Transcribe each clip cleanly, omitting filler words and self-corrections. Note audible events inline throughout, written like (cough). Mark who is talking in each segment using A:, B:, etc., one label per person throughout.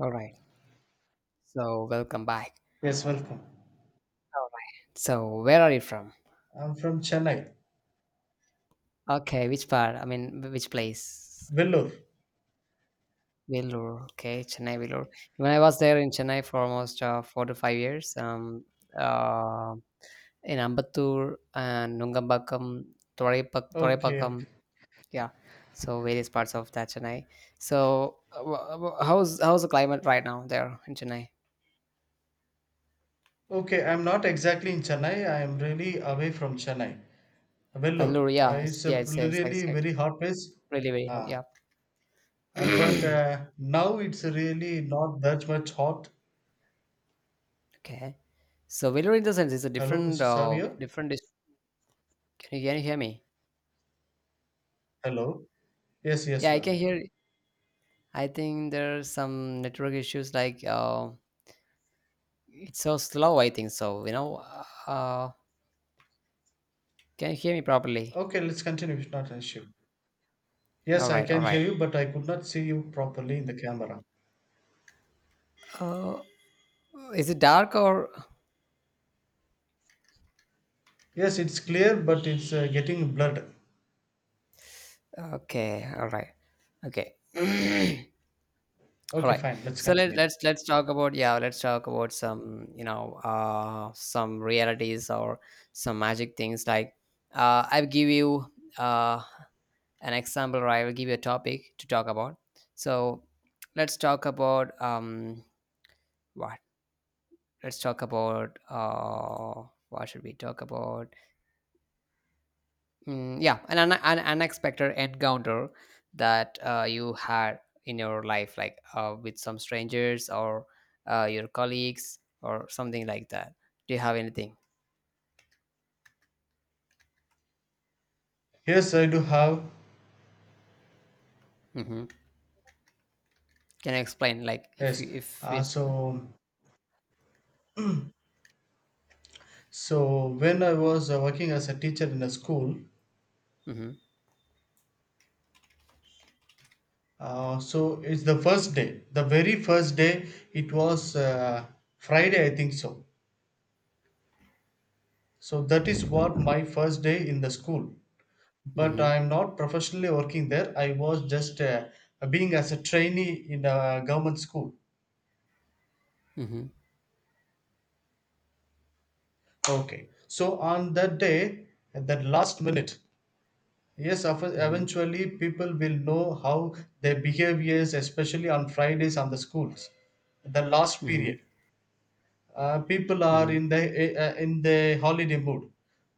A: All right. So welcome back.
B: Yes, welcome.
A: All right. So where are you from?
B: I'm from Chennai,
A: Okay, which part? I mean, which place?
B: Vellore.
A: Vellore. Okay, Chennai Vellore. When I was there in Chennai for almost 4 to 5 years. Uh, in Ambattur and Nungambakkam,
B: Okay,
A: Toraipakkam,
B: okay.
A: yeah. So various parts of that Chennai. So how's the climate right now there in Chennai?
B: Okay, I'm not exactly in Chennai. I am really away from Chennai, Vellore.
A: Vellore, yeah,
B: Uh, it's a
A: yeah, it's
B: really
A: like
B: very hot place.
A: really, really hot,
B: Ah, uh, but
A: yeah. (clears throat)
B: uh, now it's really not that much hot.
A: Okay. So Velour in the sense is a
B: Hello,
A: different
B: Mr. Savio.
A: different can you hear me?
B: Hello. Yes, yes,
A: Yeah,
B: you
A: I
B: are.
A: can hear. I think there's some network issues, like it's so slow, I think so, you know. Uh, can you hear me properly?
B: Okay, let's continue. It's not an issue. Yes,
A: All
B: I
A: right, all
B: can hear
A: right.
B: you, but I could not see you properly in the camera.
A: Uh is it dark, or
B: Yes, it's clear, but it's getting blurred.
A: okay, all right. Okay. (clears throat) All
B: Okay,
A: right.
B: fine. Let's
A: So
B: continue.
A: let's talk about, yeah, let's talk about some, you know, some realities or some magic things like I'll give you uh an example, or I will give you a topic to talk about. So let's talk about. What Let's talk about. What should we talk about? Yeah, an unexpected encounter that you had in your life, like with some strangers or your colleagues or something like that. Do you have anything?
B: Yes, I do have.
A: Hmm. Can I explain, like, if you,
B: Yes.
A: if
B: Uh,
A: it's
B: so, so when I was working as a teacher in a school,
A: mm-hmm,
B: so it's the first day, the very first day. It was Friday, I think so. So that is what my first day in the school. But
A: mm-hmm,
B: I am not professionally working there. I was just being as a trainee in a government school.
A: mm-hmm,
B: Okay. So on that day, at that last minute, yes, of-
A: mm-hmm,
B: eventually people will know how their behaviors, especially on Fridays on the schools, the last
A: mm-hmm,
B: period. People are
A: mm-hmm,
B: in the holiday mood.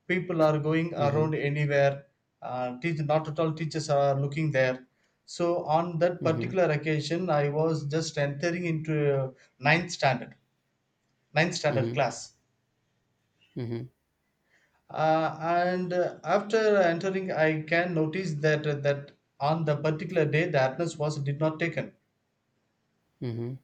B: People are going
A: mm-hmm,
B: around anywhere. Teach, not at all teachers are looking there. So on that
A: mm-hmm.
B: particular occasion, I was just entering into ninth standard, ninth standard
A: Mm-hmm.
B: class,
A: Mhm,
B: and after entering I can notice that on the particular day the attendance was did not taken.
A: mhm.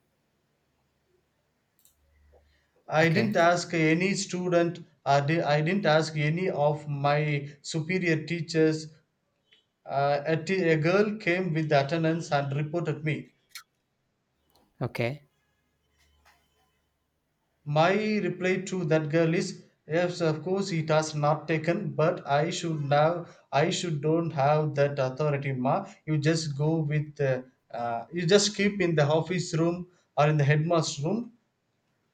A: Okay,
B: I didn't ask any of my superior teachers. A girl came with the attendance and reported me.
A: okay.
B: My reply to that girl is yes, of course it has not taken, but I should now, I should don't have that authority, ma. You just go with you just keep in the office room or in the headmaster's room.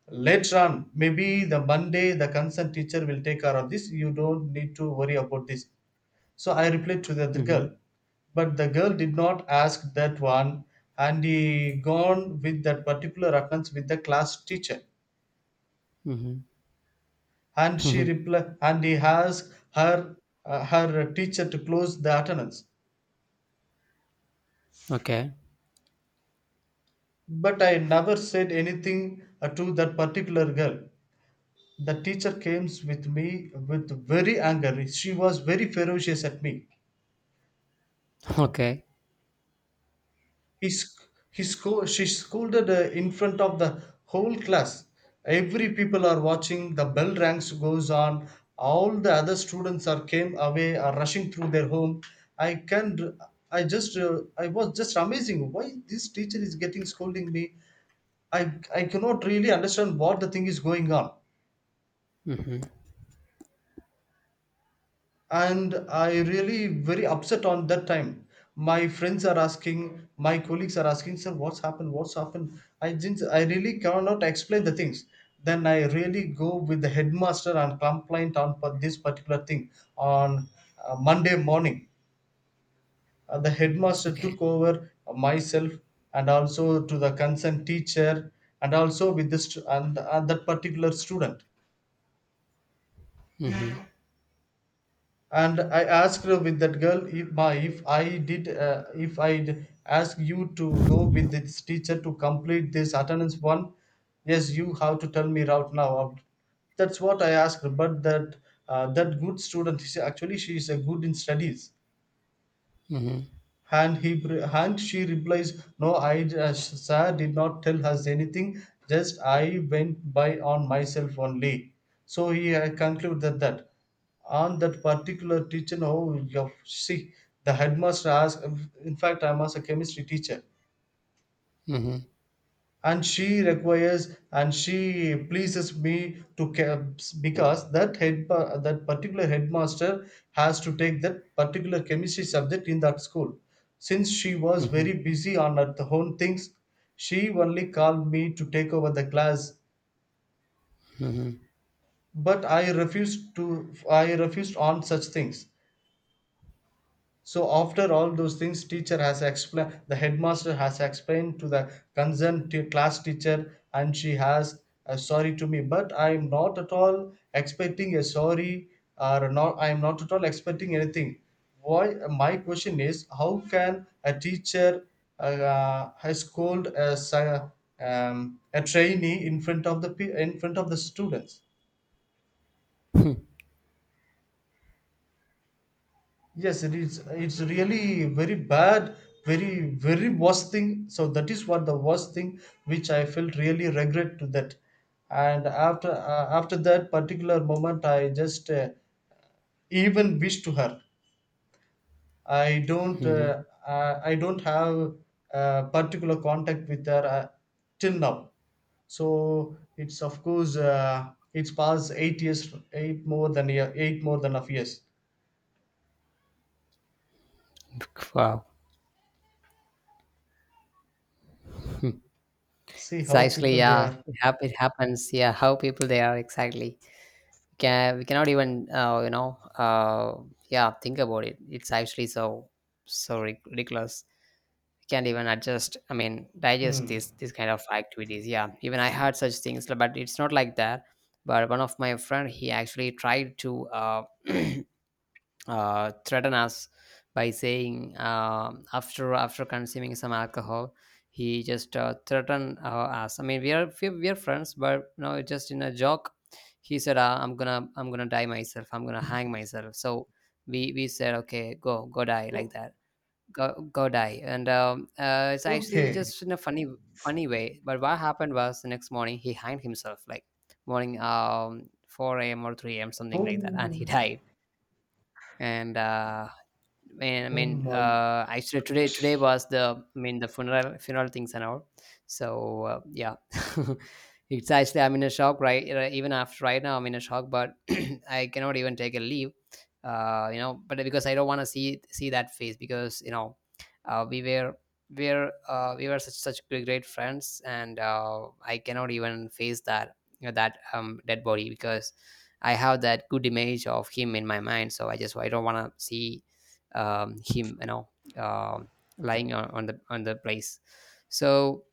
B: Later on, maybe the Monday the concerned teacher will take care of this. You don't need to worry about this. So I replied to the other
A: Mhm,
B: girl, but the girl did not ask that one, and he gone with that particular offense with the class teacher,
A: mhm,
B: and she
A: mhm.
B: reply and he asked her, her teacher, to close the attendance,
A: Okay,
B: but I never said anything to that particular girl. The teacher came with me with very anger. She was very ferocious at me.
A: (laughs) okay.
B: He, sc- he sco- She scolded in front of the whole class. Every people are watching. The bell rings goes on. All the other students are came away, are rushing through their home. I can, I was just amazing. Why this teacher is getting scolding me? I cannot really understand what the thing is going on.
A: Mhm,
B: And I really very upset on that time. My friends are asking, my colleagues are asking, sir what's happened, what's happened. I really cannot explain the things. Then I really go with the headmaster and complaint on this particular thing, on Monday morning. The headmaster
A: okay.
B: took over myself, and also to the concerned teacher, and also with this, and that particular student.
A: Mhm,
B: And I asked her with that girl, if my if I did if I'd ask you to go with this teacher to complete this attendance one. Yes, you have to tell me right now. That's what I asked her. But that, that good student, actually, she is a good in studies.
A: mhm,
B: And she replies, no, I just- sir did not tell us anything, just I went by on myself only. So he concluded that on that particular teacher, no, you see, the headmaster asked, in fact, I was a chemistry teacher,
A: mhm,
B: and she requires and she pleases me to because that head, that particular headmaster, has to take that particular chemistry subject in that school, since she was very
A: mhm,
B: busy on her own things. She only called me to take over the class,
A: mhm,
B: but I refused on such things. So after all those things, teacher has explained, the headmaster has explained to the concerned class teacher, and she has sorry to me, but I am not at all expecting a sorry, or not, I am not at all expecting anything. Why, my question is how can a teacher, has scold a, a trainee in front of the in front of the students. Yes, it is. It's really very bad, very worst thing. So that is what the worst thing which I felt really regret to that. And after After that particular moment, I just even wish to her. I don't,
A: mhm.
B: I don't have particular contact with her, till now. So it's of course, it's past 8 years, eight more than year, eight more than of years.
A: Wow.
B: See how
A: Precisely,
B: people they
A: yeah.
B: are.
A: It happens. Yeah, how people they are, exactly. Can we, cannot even you know, yeah, think about it. It's actually so so ridiculous. Can't even adjust, I mean digest
B: Hmm.
A: this kind of activities. Yeah, even I had such things, but it's not like that. But one of my friend, he actually tried to (clears throat) threaten us by saying, after consuming some alcohol, he just threatened us. I mean we are, we are friends, but you know, just in a joke. He said, I'm gonna, I'm gonna die myself, I'm gonna hang myself. So we said, okay, go, die like that. Go- Godai. And it's actually
B: Okay.
A: just in a funny, funny way. But what happened was the next morning he hanged himself, like morning, 4 a.m. or 3 a.m., something like that, and
B: Oh,
A: he (laughs) died. And I
B: oh
A: mean,
B: my.
A: actually, today was the, I mean, the funeral things and all. So yeah, (laughs) it's actually, I'm in a shock right even, after right now, I'm in a shock, but (clears throat) I cannot even take a leave. You know, but because I don't want to see that face, because you know, we were, we were such great friends, and I cannot even face that, you know, that dead body, because I have that good image of him in my mind. So I just, I don't want to see him, you know, um lying on the, on the place. So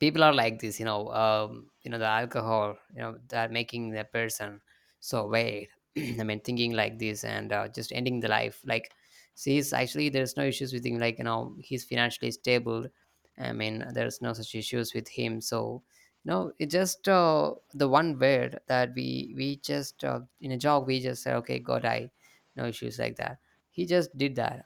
A: people are like this, you know. You know, the alcohol, you know, that making the person so weird, (clears throat) I mean, thinking like this and just ending the life, like, see, it's actually there's no issues with him, like, you know, he's financially stable. I mean there's no such issues with him. So you know, it just, the one word that we, just, in a joke, we just say, okay, god I no issues like that. He just did that.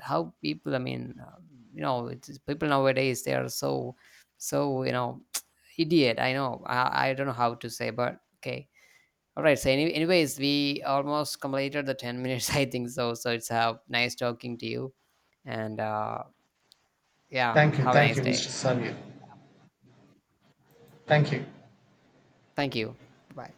A: How people, I mean, you know, it's, people nowadays they are so so, you know, (tsk) idiot, I know. I don't know how to say, but okay, all right. So anyways, we almost completed the 10 minutes, (laughs) I think so. So it's nice talking to you. And yeah,
B: Thank you.
A: have a
B: Thank
A: nice
B: you, Mr.
A: day.
B: Samir. Thank you.
A: Thank you. Bye.